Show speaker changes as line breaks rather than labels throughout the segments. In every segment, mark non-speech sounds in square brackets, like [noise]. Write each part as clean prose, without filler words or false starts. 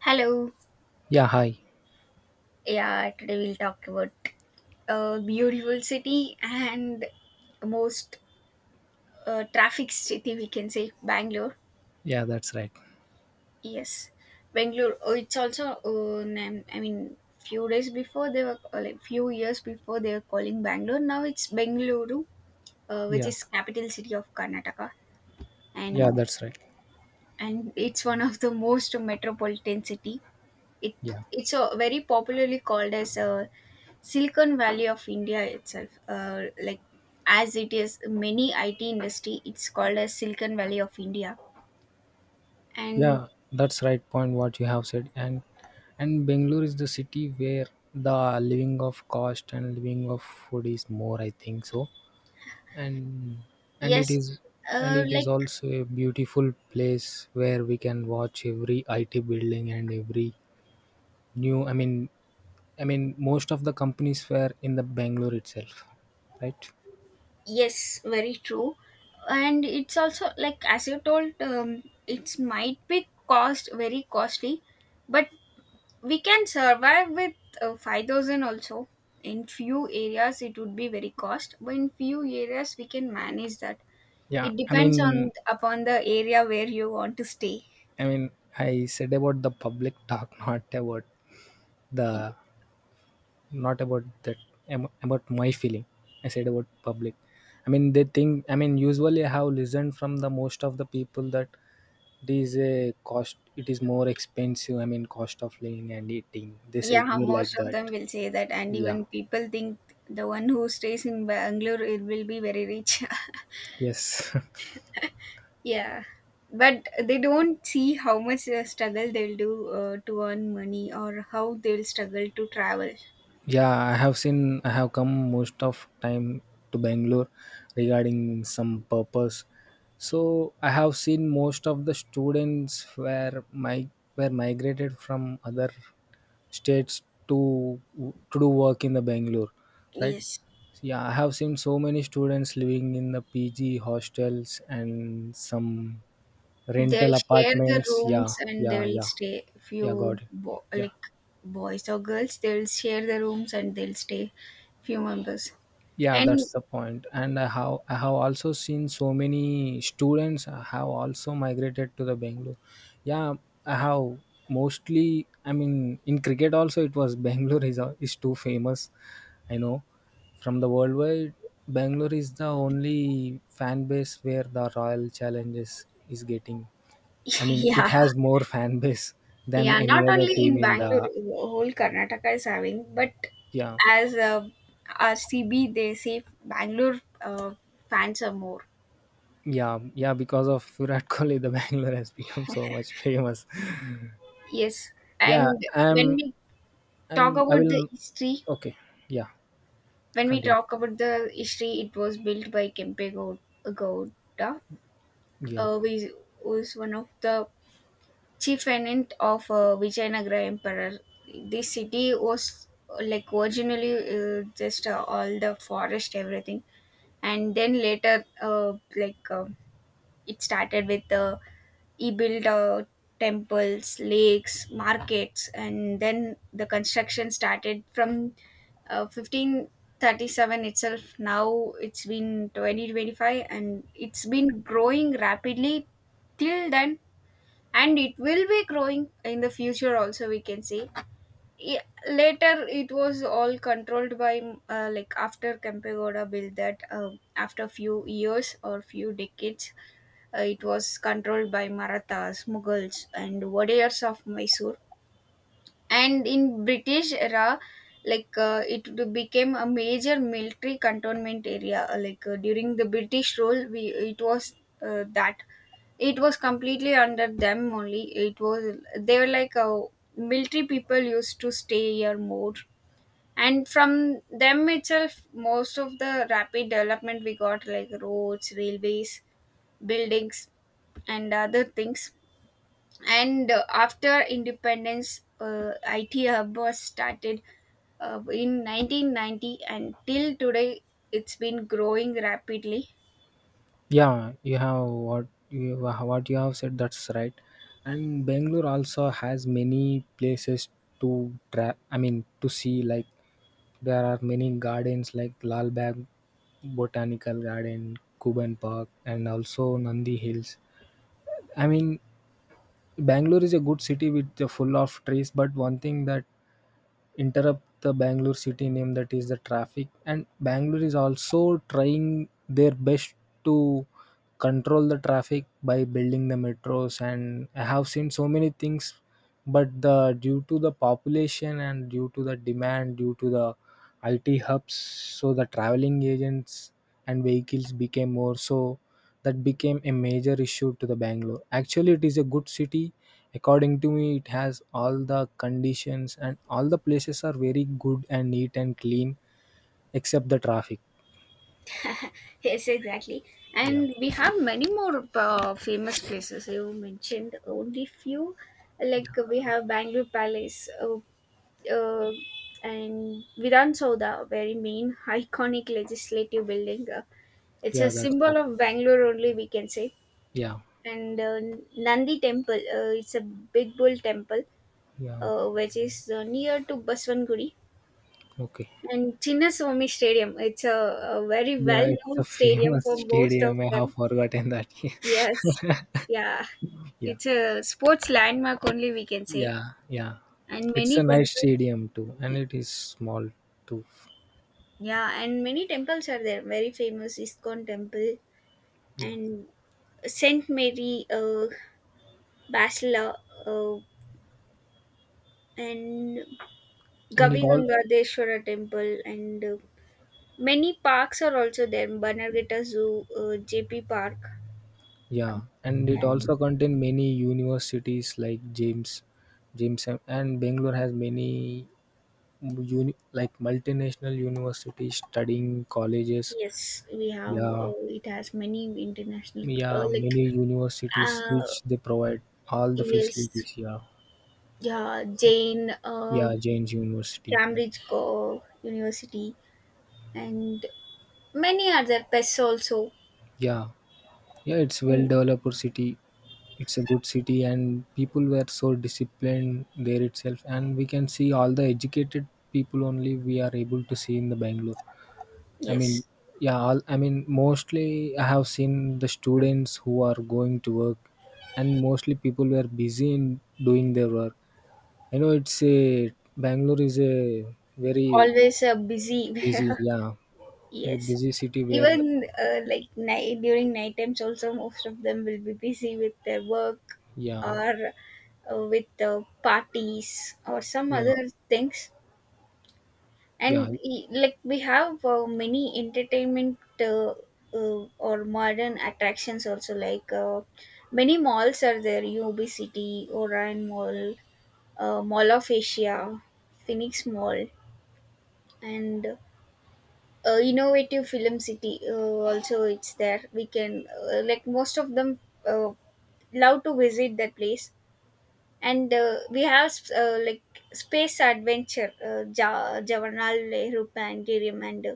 Hello.
Yeah, hi.
Yeah, today we'll talk about a beautiful city and most traffic city we can say Bangalore.
Yeah, that's right.
Yes, Bangalore. Oh, it's also I mean, few days before they were or like few years before they were calling Bangalore. Now it's Bengaluru, which
Yeah,
is capital city of Karnataka,
yeah,
and
that's right.
it's one of the most metropolitan city. It
Yeah,
it's a very popularly called as a Silicon Valley of India itself. Like as it is many IT industry, it's called as Silicon Valley of India. And
yeah, that's right. Point what you have said, and Bangalore is the city where the living of cost and living of food is more. I think so, and and
yes,
it is
like
also a beautiful place where we can watch every IT building and every new. I mean, most of the companies were in the Bangalore itself, right?
yes, very true. And it's also like as you told, it might be cost very costly, but we can survive with 5,000 also. In few areas it would be very cost, but in few areas we can manage that.
Yeah,
It depends on upon the area where you want to stay.
I mean, I said about the public talk, [laughs] not about the not about that, about my feeling. I said about public. I mean, they think. I mean, usually I have listened from the most of the people that it is a cost. It is more expensive. I mean, cost of living and eating. They said
Yeah,
me like
most of them
that.
will say that, and
Yeah.
even people think the one who stays in Bangalore it will be very rich.
Yes. [laughs]
[laughs] Yeah, but they don't see how much struggle they'll do to earn money or how they'll struggle to travel.
Yeah, I have seen, I have come most of time to Bangalore regarding some purpose. So I have seen most of the students were migrated from other states to do work in the Bangalore, right?
Yes,
So, yeah, I have seen so many students living in the PG hostels and some
they'll
rental
share the
apartments. Yeah,
rooms and
yeah,
they'll
yeah,
stay.
yeah.
Few
Got it. Yeah.
like boys or girls, they'll share the rooms and they'll stay. Few members.
Yeah,
And
that's the point, and I have also seen so many students have also migrated to the Bangalore. Yeah, I have mostly, I mean, in cricket also it was [laughs] Bangalore is, is too famous, I know, from the worldwide. Bangalore is the only fan base where the Royal Challenges is getting, I
[laughs]
mean, it
yeah.
has more [laughs] fan base than
Yeah,
any
not
other
only
team
in
in
Bangalore,
the,
whole Karnataka is having, but
yeah,
as RCB, they say Bangalore fans are more.
yeah, yeah, because of Virat Kohli the [laughs] Bangalore has become so much famous.
Yes,
Yeah,
and
I'm I'm
talk
I
about the
will
history,
okay. Yeah,
when we
continue.
talk about the history, it was built by Gowda,
Yeah.
uh, who is who is one of the chief tenant of Vijayanagara Emperor. This city was like originally, just all the forest, everything, and then later, it started with, he built temples, lakes, markets, and then the construction started from 1537 itself. Now it's been 2025 and it's been growing rapidly till then, and it will be growing in the future also, we can say. Yeah, later it was all controlled by like after Kempegowda built that, after few years or few decades, it was controlled by Marathas, Mughals and Wadeyars of Mysore. And in British era, it became a major military cantonment area. During the British rule, we it was that it was completely under them only. It was, they were like, military people used to stay here more. And from them itself most of the rapid development we got, like roads, railways, buildings and other things. And after independence, it hub was started in 1990, and till today it's been growing rapidly.
Yeah, you have what you have said, that's right. And Bangalore also has many places to I mean to see, like there are many gardens like Lal Bagh Botanical Garden, kuban park, and also Nandi Hills. I mean, Bangalore is a good city with full of trees, but one thing that interrupt the Bangalore city name, that is the traffic. And Bangalore is also trying their best to control the traffic by building the metros. And I have seen so many things, but the due to the population and due to the demand, due to the IT hubs, so the traveling agents and vehicles became more, so that became a major issue to the Bangalore. Actually it is a good city. According to me, it has all the conditions, and all the places are very good and neat and clean except the traffic.
[laughs] Yes, exactly.
Yeah,
And we have many more famous places. You mentioned only few. Like we have Bangalore palace, uh, and Vidhan Sauda, very main [laughs] iconic legislative building. It's
yeah,
a
that's
symbol
right.
of Bangalore only, we can say.
Yeah,
And Nandi temple, it's a big bull temple,
yeah,
which is near to Baswangudi.
okay.
And Chinnaswamy stadium, it's a very
Yeah,
well
it's
known
a
stadium
famous
for
[laughs]
most of
stadium, I have
them.
forgotten that.
Yes,
[laughs]
yeah,
Yeah,
it's a sports landmark only, we can say.
yeah, yeah,
And
it's
many
a nice
temples,
stadium too, and it is small too.
yeah, and many temples are there, very famous Iskon temple,
Yeah,
and Saint Mary Basila, uh, and
and
Gavi
it all.
Gangadeshwara temple, and many parks are also there. Bannerghatta Zoo, JP Park.
Yeah, and it
And
also contain many universities like James, James, and Bangalore has many like multinational universities studying colleges.
yes, we have.
Yeah,
It has many international, uh,
yeah,
like
many universities
uh,
which they provide all the
yes,
facilities. Yeah,
yeah, Jane,
yeah, James University. Yeah,
Cambridge University, and many other pests also.
yeah, yeah, it's well
And
developed city. It's a good city, and people were so disciplined there itself. And we can see all the educated people only we are able to see in the Bangalore. I mean,
yes,
yeah, all, I mean, mostly I have seen the students who are going to work, and mostly people were busy in doing their work. I know it's a Bangalore is a very
always busy. [laughs]
busy, yeah, it's a
Yes.
busy city where, the,
Even like night during night times also most of them will be busy with their work,
yeah,
or with the parties or some
yeah,
other things.
yeah,
And like we have many entertainment, or modern attractions also, like many malls are there, UOB City, Orion Mall, Mall of Asia, Phoenix Mall, and innovative film city, also it's there. We can, like, most of them uh, love to visit that place. And we have like space adventure, Jawaharlal Nehru planetarium, and uh,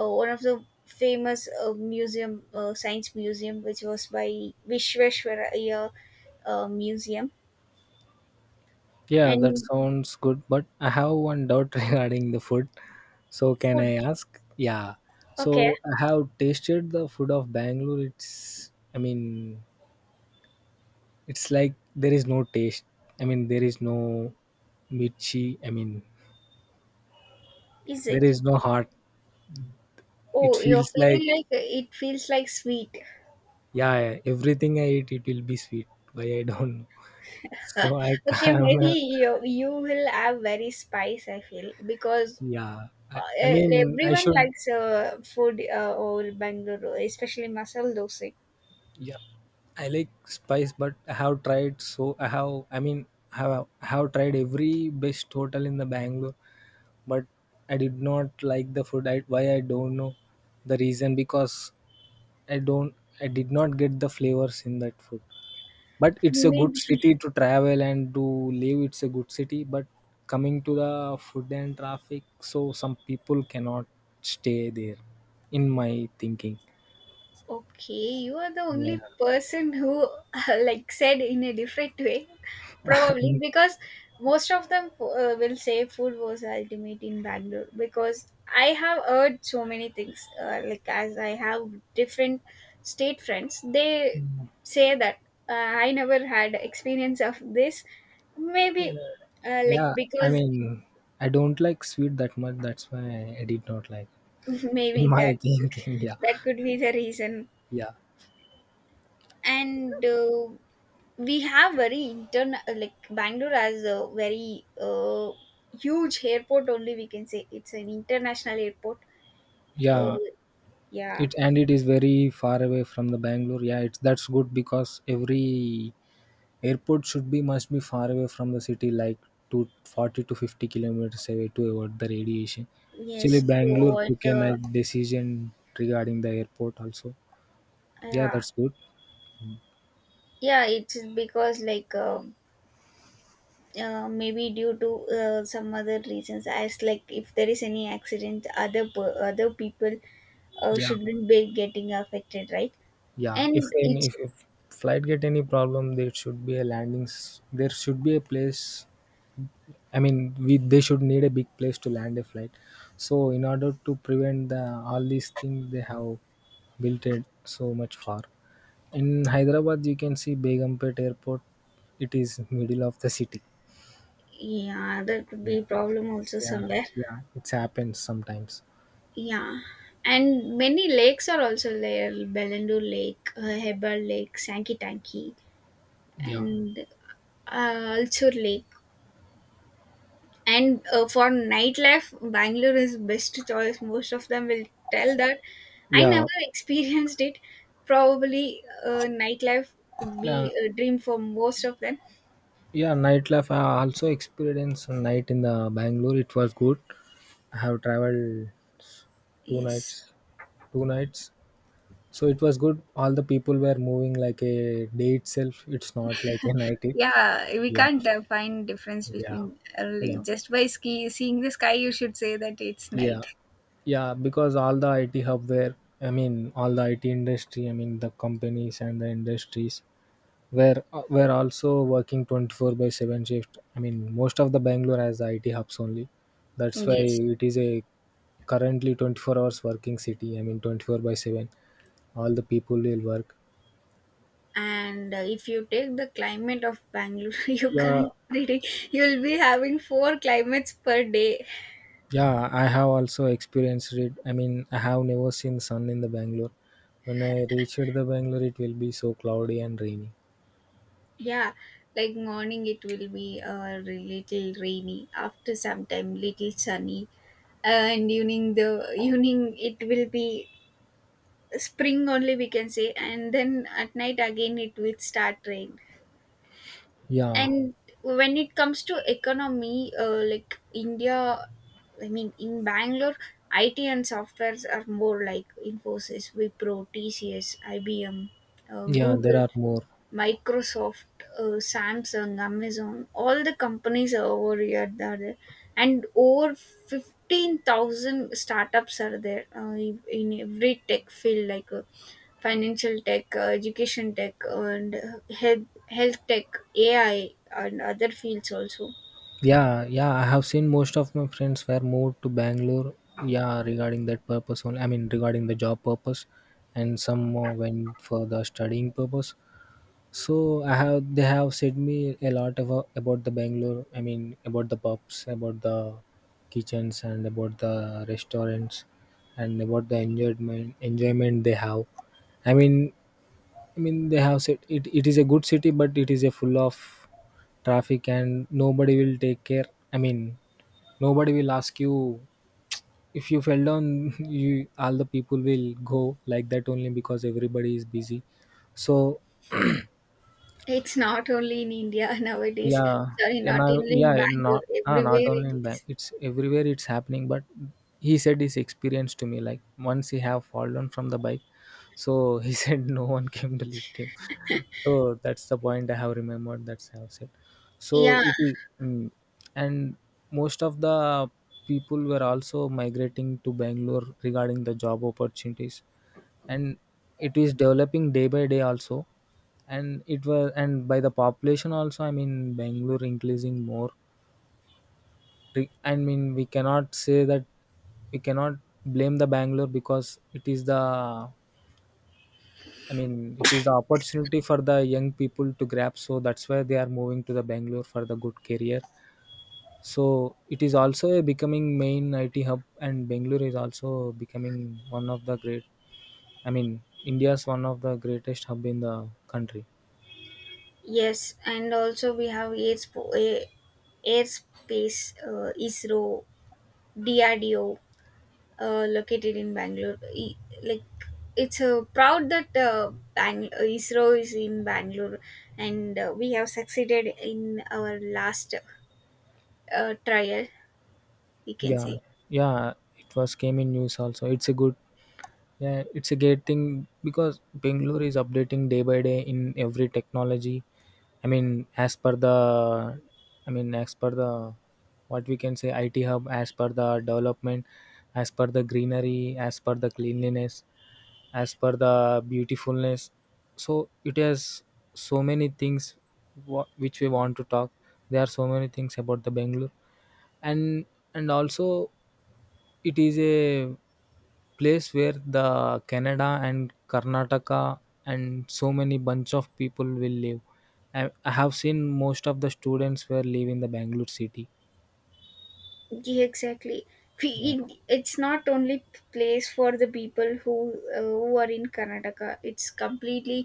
uh, one of the famous museum, science museum, which was by Vishveshwaraya museum.
yeah, that
And
sounds good. But I have one doubt [laughs] regarding the food. So can
food.
I ask? Yeah.
Okay,
So I have tasted the food of Bangalore. It's, I mean, it's like there is no taste. I mean, there is no mirchi. I mean,
is
there
it?
is no heart. It
Oh, you're
feels like,
feeling like, it feels like sweet.
yeah, everything I eat, it will be sweet. Why I don't know. [laughs] So
[laughs]
I
Okay, maybe
can.
you will have very spice, I feel, because
[laughs] Yeah, I mean, I
everyone
should.
likes food, or Bangalore, especially masala dosa.
Yeah, I like spice, but I have tried, so I have. I mean, I have tried every best hotel in the Bangalore, but I did not like the food. I, why I don't know the reason because I don't I did not get the flavors in that food. But it's a good
Maybe.
city to travel and to live. It's a good city, but coming to the food and traffic, so some people cannot stay there. In my thinking,
Okay, you are the only
yeah,
person who [laughs] like said in a different way, probably because most of them will say food was ultimate in Bangalore, because I have heard so many things. Like, as I have different state friends, they say that, I never had experience of this. Maybe like
yeah. I
because,
mean, I don't like sweet that much. That's why I did not like.
[laughs]
In
maybe
my
that
[laughs] thinking, yeah,
that could be the reason.
yeah,
And. We have very intern like Bangalore has a very huge airport. Only we can say it's an international airport. Uh,
yeah.
yeah.
It, and it is very far away from the Bangalore. Yeah, it's, that's good, because every airport should be must be far away from the city, like to 40 to 50 km kilometers away to avoid the radiation. Actually
Yes. So
Bangalore
what
took a
the.
nice decision regarding the airport also. Yeah,
Yeah,
that's good.
yeah, it's because like. Maybe due to some other reasons, as like if there is any accident, other people
Yeah,
shouldn't be getting affected, right?
yeah, if
And
any
it's,
if flight get any problem, there should be a there should be a place. I mean, we they should need a big place to land a flight. So in order to prevent the all these things, they have built it so much far. In Hyderabad, you can see Begumpet Airport. It is middle of the city.
yeah, that could
Yeah,
be problem also
yeah,
somewhere.
yeah. It happens sometimes.
Yeah, and many lakes are also there, Belendu Lake, Hebbal Lake, Sankey Tanky,
Yeah,
and Ulchur Lake. And for nightlife, Bangalore is best choice. Most of them will tell that. I never
yeah,
[laughs] experienced it. Probably nightlife would
yeah,
be a dream for most of them.
yeah. Nightlife. I also experienced a night in the Bangalore. It was good. I have traveled two
Yes.
nights, two nights so it was good. All the people were moving like a day itself. It's not like an IT.
Yeah, we
Yeah,
can't find difference
yeah,
between,
yeah,
like just by ski seeing the sky. You should say that it's
yeah,
night.
yeah. Because all the IT hub were, I mean, all the IT industry, I mean, the companies and the industries were also working 24 by seven shift. I mean, most of the Bangalore has the IT hubs only. That's why
Yes.
it is a currently 24 hours working city, I mean, 24 by 7 all the people will work.
And if you take the climate of Bangalore, [laughs] you
Yeah.
can't predict. You'll be having four climates per day.
Yeah, I have also experienced it. I mean, I have never seen sun in the Bangalore. When I reached the Bangalore, it will be so cloudy and rainy.
Yeah, like morning it will be a little rainy, after some time little sunny, and evening the evening it will be spring only, we can say, and then at night again it will start rain.
Yeah,
And when it comes to economy, like India, I mean in Bangalore, IT and softwares are more, like Infosys, Wipro, TCS, IBM,
yeah, there
Google,
are more.
Microsoft, Samsung, Amazon, all the companies are over here. They are there. And over 15,000 startups are there, in every tech field, like financial tech, education tech, and health tech, AI, and other fields also.
Yeah, yeah, I have seen most of my friends were moved to Bangalore. Yeah, regarding that purpose only. I mean, regarding the job purpose, and some went for the studying purpose. So I have they have said me a lot about the Bangalore. I mean, about the pubs, about the kitchens, and about the restaurants, and about the enjoyment they have. I mean, they have said it, it is a good city, but it is a full of traffic and nobody will take care. I mean, nobody will ask you if you fell down. [laughs] You all the people will go like that only because everybody is busy. So,
It's not only in India [laughs] nowadays,
yeah,
sorry,
and
not
now,
only in
yeah,
Bangalore,
not ah, not
everywhere
only
it
in bank,
is.
it's everywhere it's happening. But he said his experience to me, like once he have fallen from the bike, so he [laughs] said no one came to lift him. So that's the point I have remembered. That's I have said. So
Yeah.
it, mm, and most of the people were also migrating to Bangalore regarding the job opportunities, and it is developing day by day also. And it was, and by the population also. I mean Bangalore increasing more. I mean we cannot say that we cannot blame the Bangalore, because it is the, I mean, it is the opportunity for the young people to grab. So that's why they are moving to the Bangalore for the good career. So it is also a becoming main IT hub, and Bangalore is also becoming one of the great. I mean, India's one of the greatest hub in the country.
Yes, and also we have airspace, ISRO, DRDO, located in Bangalore. Like it's proud that, ISRO is in Bangalore, and we have succeeded in our last trial, we can
Yeah,
say.
yeah, it was came in news also. It's a good. Yeah, it's a great thing because Bangalore is updating day by day in every technology. I mean, as per the, I mean, as per the, what we can say, IT hub, as per the development, as per the greenery, as per the cleanliness, as per the beautifulness. So it has so many things which we want to talk. There are so many things about the Bangalore, and and also it is a place where the Canada and Karnataka and so many bunch of people will live. I have seen most of the students were living the Bangalore city.
Yeah, exactly.
Yeah,
It's not only place for the people who, who are in Karnataka. It's completely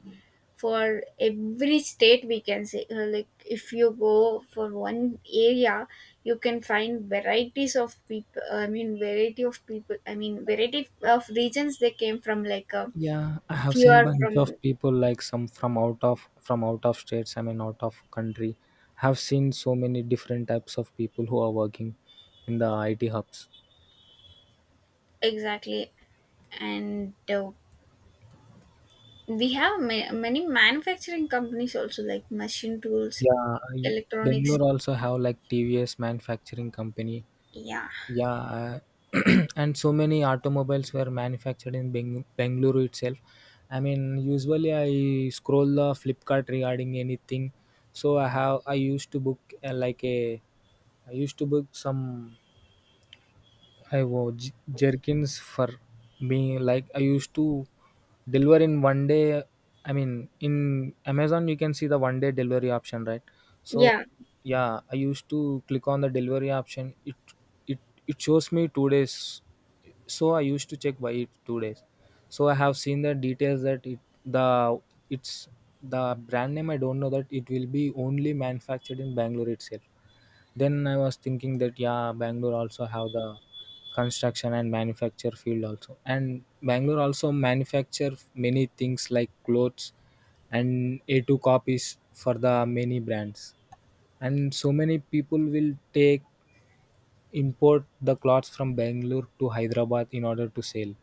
for every state, we can say. Like if you go for one area, you can find varieties of people. I mean, variety of people. I mean, variety of regions they came from. Like
yeah, I have
few
seen
are
bunch of
from.
people like some from out of states, I mean out of country, have seen so many different types of people who are working in the IT hubs.
Exactly, and we have many manufacturing companies also, like machine tools,
Yeah, I-
electronics.
Bangalore also have like TVS manufacturing company.
Yeah,
Yeah, I- [clears throat] and so many automobiles were manufactured in Bengaluru itself. I mean, usually I scroll the Flipkart regarding anything. So I have I used to book like a I used to book some I wore jerkins for me. Like I used to deliver in 1 day. I mean, in Amazon you can see the 1 day delivery option, right? So
yeah,
yeah, I used to click on the delivery option. It it shows me 2 days. So I used to check why it 2 days. So I have seen the details that it the it's the brand name. I don't know that it will be only manufactured in Bangalore itself. Then I was thinking that yeah, Bangalore also have the construction and manufacture field also, and Bangalore also manufacture many things like clothes and A2 copies for the many brands. And so many people will take import the clothes from Bangalore to Hyderabad in order to sell.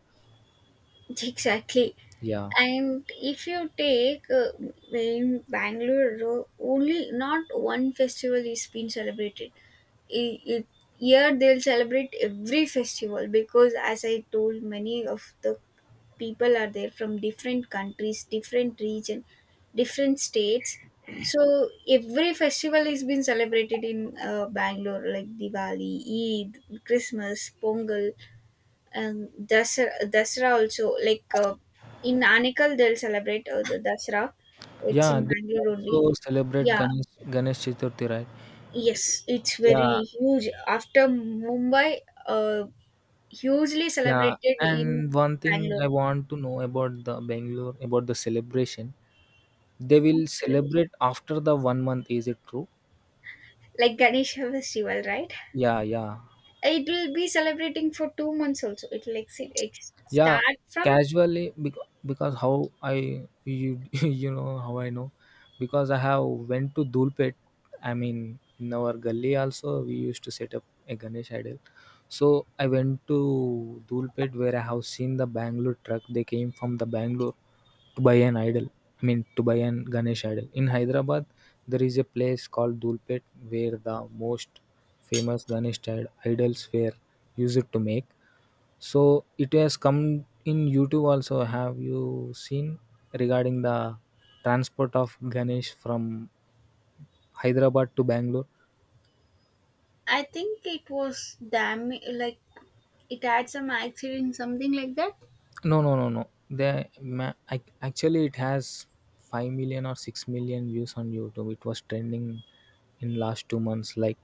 [laughs] exactly.
Yeah.
And if you take, in Bangalore, only not one festival is being celebrated. I it, Here they'll celebrate every festival because, as I told, many of the people are there from different countries, different region, different states. So every festival is being celebrated in Bangalore, like Diwali, Eid, Christmas, Pongal. And Dasara, also, like in Anekal, they'll celebrate the Dasara. It's
Yeah,
in
they
Bangalore only.
also celebrate
Yeah,
Ganesh Chaturthi, right?
yes, it's
Yeah,
very huge. After Mumbai, uh, hugely
yeah.
celebrated in
And one thing
Bangalore.
I want to know about the Bangalore, about the celebration. They will
It's celebrated.
celebrate after the 1 month, is it true?
Like Ganesh Festival, right?
Yeah, yeah.
It will be celebrating for 2 months also. It will
Yeah,
start from.
casually because how I you [laughs] you know how I know, because I have went to Dulpet. I mean, in our gully also we used to set up a Ganesh idol. So I went to Dulpet where I have seen the Bangalore truck. They came from the Bangalore to buy an idol. I mean, to buy an Ganesh idol. In Hyderabad, there is a place called Dulpet where the most famous idols were used to make. So it has come in YouTube also. Have you seen regarding the transport of Ganesh from Hyderabad to Bangalore?
I think it was damn, like it had some accident, something like that.
No, no, no, no. They actually it has 5 million or 6 million views on YouTube. It was trending in last 2 months. Like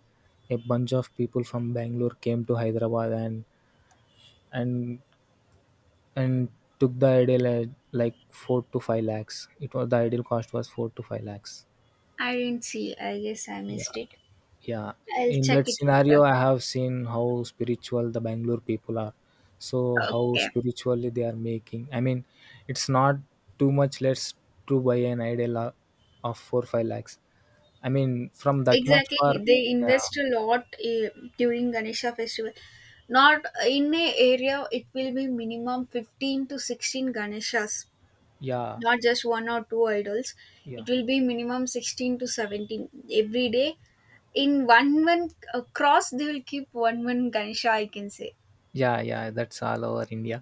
a bunch of people from Bangalore came to Hyderabad and and and took the ideal at like four to five lakhs. It was the ideal cost was four to five lakhs.
I didn't see. I guess I
Yeah.
missed it.
Yeah,
I'll
in
check
that
it later.
scenario I have seen how spiritual the Bangalore people are. So how
Okay.
spiritually they are making, I mean, it's not too much less to buy an idol of 4 5 lakhs, I mean, from that much far.
Exactly. They
yeah,
invest a lot during Ganesha festival. Not in a area, it will be minimum 15 to 16 Ganeshas,
yeah,
not just one or two idols.
yeah,
It will be minimum 16 to 17 every day. In one one across, they will keep one one Ganesha, I can say.
yeah, yeah, that's all over India.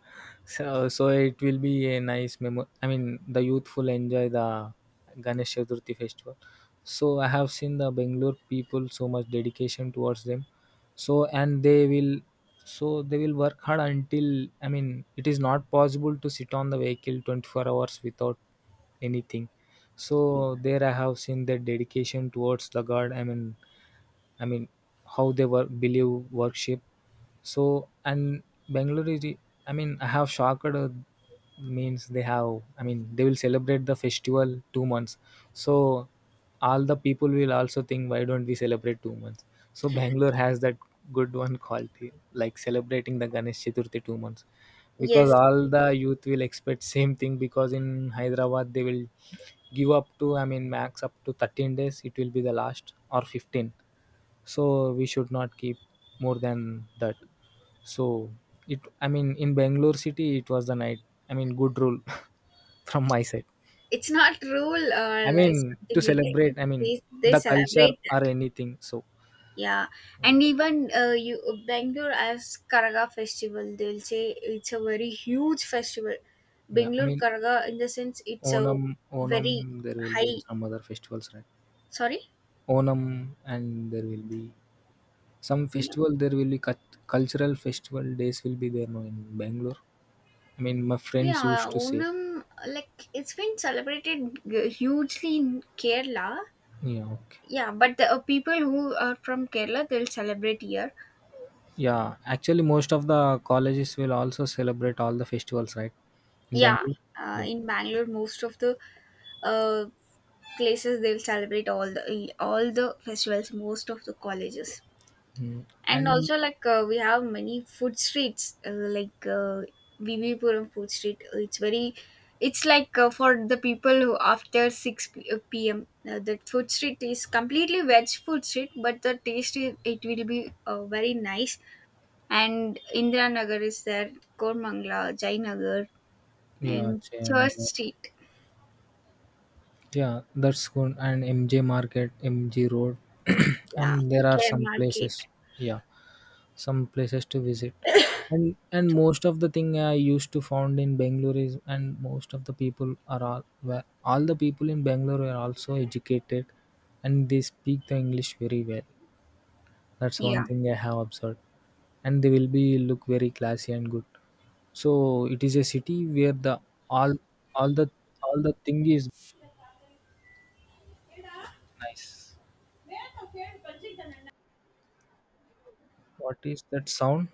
So it will be a nice memo, I mean, the youthful enjoy the Ganesh Chaturthi festival. So I have seen the Bangalore people so much dedication towards them. So and they will, they will work hard until, I mean, it is not possible to sit on the vehicle 24 hours without anything. So there I have seen their dedication towards the god. I mean, how they work, believe, worship. So and Bangalore is, I mean, I have shocked, means they have, I mean, they will celebrate the festival 2 months. So all the people will also think, why don't we celebrate 2 months? So Bangalore has that good one quality, like celebrating the Ganesh Chaturthi 2 months, because
Yes,
all the youth will expect same thing. Because in Hyderabad they will give up to, I mean, max up to 13 days. It will be the last, or 15. So we should not keep more than that. So it, I mean, in Bangalore city it was the night, I mean, good rule [laughs] from my side.
it's not rule or
I mean,
like
to
something like that.
celebrate,
It
I mean,
is, they
the culture
celebrate
or
that.
anything. So
Yeah, and
yeah,
even you Bangalore as Karaga festival, they'll say it's a very huge festival.
yeah, I
Bangalore
mean,
Karaga, in the sense, it's a
Onam,
very
there will be
high.
some other festivals, right?
Sorry.
Onam, and there will be some
Yeah,
festival, there will be cultural festival days will be there, no, in Bangalore. I mean, my friends
yeah.
used to say.
Onam, like it's been celebrated hugely in Kerala.
Yeah, okay.
Yeah, but the people who are from Kerala, they'll celebrate here.
Yeah, actually, most of the colleges will also celebrate all the festivals, right? In
Yeah,
Bangalore. Yeah.
in Bangalore, most of the uh, places they'll celebrate all the festivals, most of the colleges.
Mm.
And
And
also, like we have many food streets, Vivipuram food street. It's very, it's like for the people who, after 6 p.m., the food street is completely veg food street, but the taste is, it will be very nice. And Indira Nagar is there, Kormangla, Jainagar
yeah,
and Church
Jayanagar.
street,
Yeah, that's good. And MJ Market, MG Road, [clears throat]
yeah,
and there are
Care
some
market.
places. Yeah, some places to visit. And most of the thing I used to found in Bangalore is, and most of the people are all the people in Bangalore are also educated, and they speak the English very well. That's one
Yeah,
thing I have observed. And they will be look very classy and good. So it is a city where the all all the all the thing is nice. What is that sound?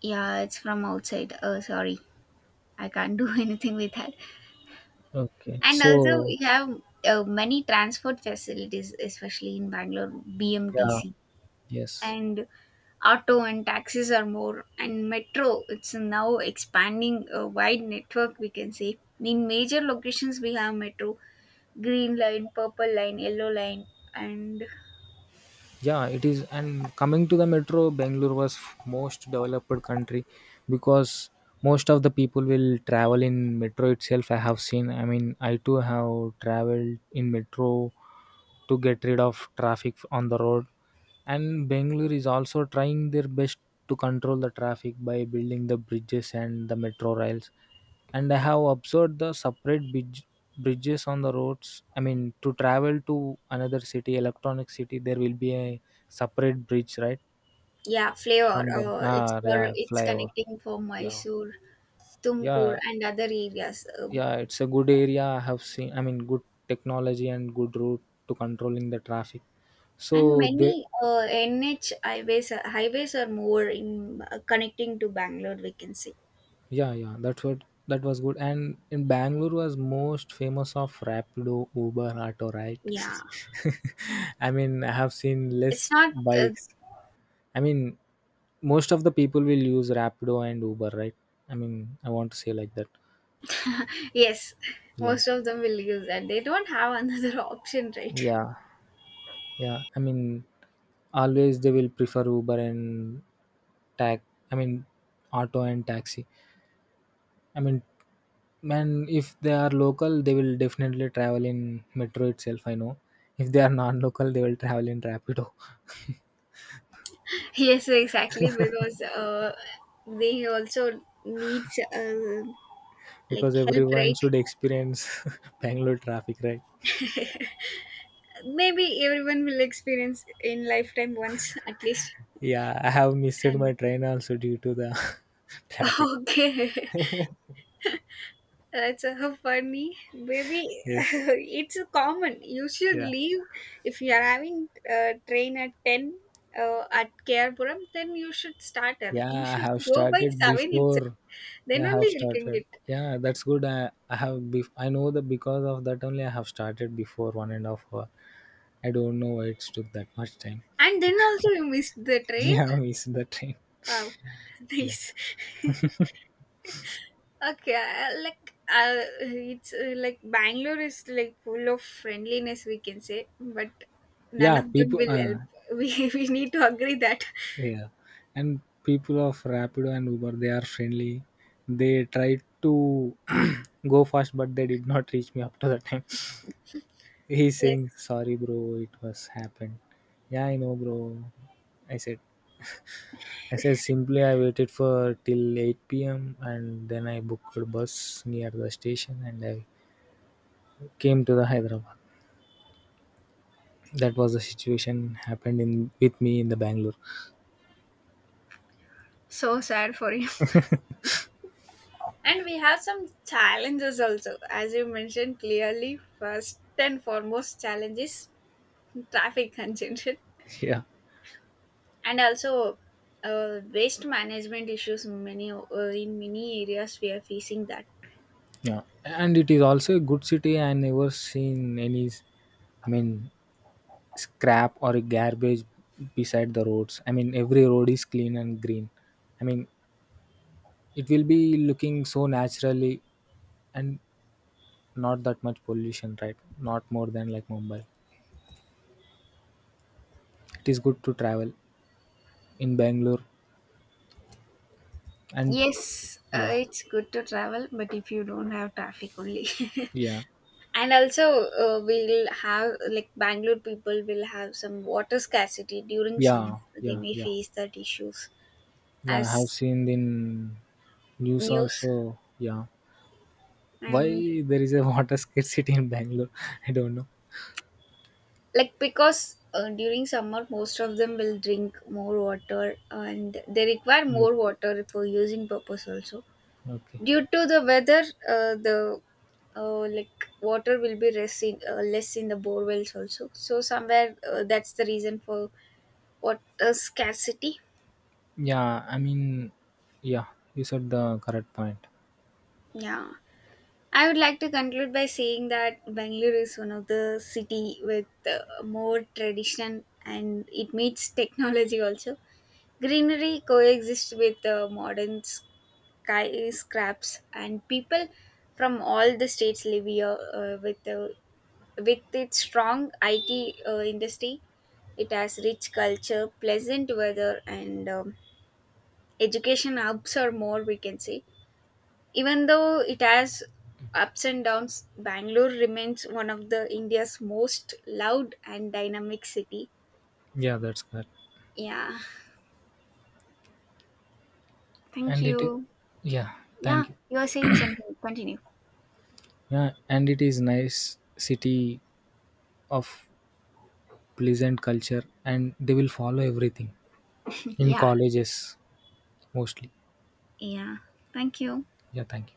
yeah, it's from outside, sorry. I can't do [laughs] anything with that.
Okay.
And also,
So
we have many transport facilities, especially in Bangalore,
yeah,
BMTC,
yes.
and auto and taxis are more, and metro. It's now expanding a wide network. We can say in major locations we have metro, green line, purple line, yellow line, and,
Yeah, it is. And coming to the metro, Bangalore was most developed country, because most of the people will travel in metro itself. I have seen, I mean, I too have traveled in metro to get rid of traffic on the road. And Bangalore is also trying their best to control the traffic by building the bridges and the metro rails. And I have observed the separate bridges on the roads. I mean, to travel to another city, electronic city, there will be a separate bridge, right?
yeah, flavor.
From the
It's
ah,
for
yeah,
it's
flyover.
connecting for
Yeah,
Mysore, Tumkur,
yeah,
and other areas.
yeah. It's a good area, I have seen. I mean, good technology and good route to controlling the traffic.
And
So they.
many NH highways are more in connecting to Bangalore, we can see.
Yeah, yeah, that's what, that was good. And in Bangalore was most famous of Rapido, Uber, Auto, right?
Yeah,
[laughs] I mean, I have seen
it's
less
not. Uh,
bikes. I mean, most of the people will use Rapido and Uber, right? I mean, I want to say like that.
yes,
Yeah,
most of them will use that. They don't have another [laughs] option, right?
yeah, yeah, I mean, always they will prefer Uber and tax. I mean, auto and taxi. I mean, Man, if they are local, they will definitely travel in metro itself, I know. If they are non-local, they will travel in Rapido
[laughs] Yes, exactly. Because they also needs
[laughs]
like
because
help,
everyone
right?
should experience [laughs] Bangalore traffic, right?
Maybe everyone will experience in lifetime once at least.
Yeah, I have missed my
And
train also due to the [laughs] traffic.
[laughs] okay. That's so funny, baby.
Yes.
[laughs] It's common. You should
Yeah.
leave if you are having train at 10, at Kerpuram. Then you should start early. You
Yeah, I
should
have
go by
started
7 itself.
before.
Then
Yeah, I
only
have
you can
started.
get.
Yeah, that's good. I have. Be- I know that, because of that only I have started before 1.5 hours. I don't know why it's took that much time.
And then also you missed the
[laughs]
train.
Yeah, I missed the train.
Wow, [laughs]
Yeah.
nice. [laughs] Okay, it's like Bangalore is like full of friendliness, we can say, but none
Yeah,
of them
people,
will help. [laughs] We need to agree that.
yeah, and people of Rapido and Uber, they are friendly. They tried to [clears throat] go fast, but they did not reach me up to the time. [laughs] He's
Yes.
saying sorry bro, it was happened. Yeah, I know bro, i said I said, simply I waited for till 8 p.m. and then I booked a bus near the station and I came to the Hyderabad. That was the situation happened in with me in the Bangalore.
So sad for you. [laughs] And we have some challenges also. As you mentioned clearly, first and foremost challenge is [laughs] traffic congestion,
[laughs] Yeah.
and also waste management issues. Many, in many areas we are facing that.
Yeah, and it is also a good city. I never seen any, I mean, scrap or a garbage beside the roads. I mean, every road is clean and green. I mean, it will be looking so naturally, and not that much pollution, right? Not more than like Mumbai. It is good to travel in Bangalore, and
Yes,
yeah,
it's good to travel, but if you don't have traffic only.
yeah,
[laughs] And also, we'll have, like Bangalore people will have some water scarcity during summer,
yeah,
they
yeah,
may
yeah,
face that issues
yeah. I have
as
seen in news
news.
also. Yeah,
And
why there is a [laughs] water scarcity in Bangalore? [laughs] I don't
like because during summer most of them will drink more water, and they require
know.
more water for using purpose also,
Okay.
due to the weather. The, like water will be less in the bore wells also, so somewhere, that's the reason for water scarcity.
Yeah, I mean, yeah, you said the correct point.
Yeah, I would like to conclude by saying that Bangalore is one of the city with more tradition and it meets technology also. Greenery coexists with modern skyscrapes, and people from all the states live here, with its strong IT industry. It has rich culture, pleasant weather, and education hubs or more, we can say. Even though it has ups and downs, Bangalore remains one of the India's most loud and dynamic city.
Yeah, that's correct.
Yeah. Thank
And it,
you.
yeah,
Yeah,
thank you.
you are saying something. Continue. [laughs]
Yeah, and it is nice city of pleasant culture, and they will follow everything in
Yeah.
colleges mostly.
Yeah. Thank you.
Yeah, thank you.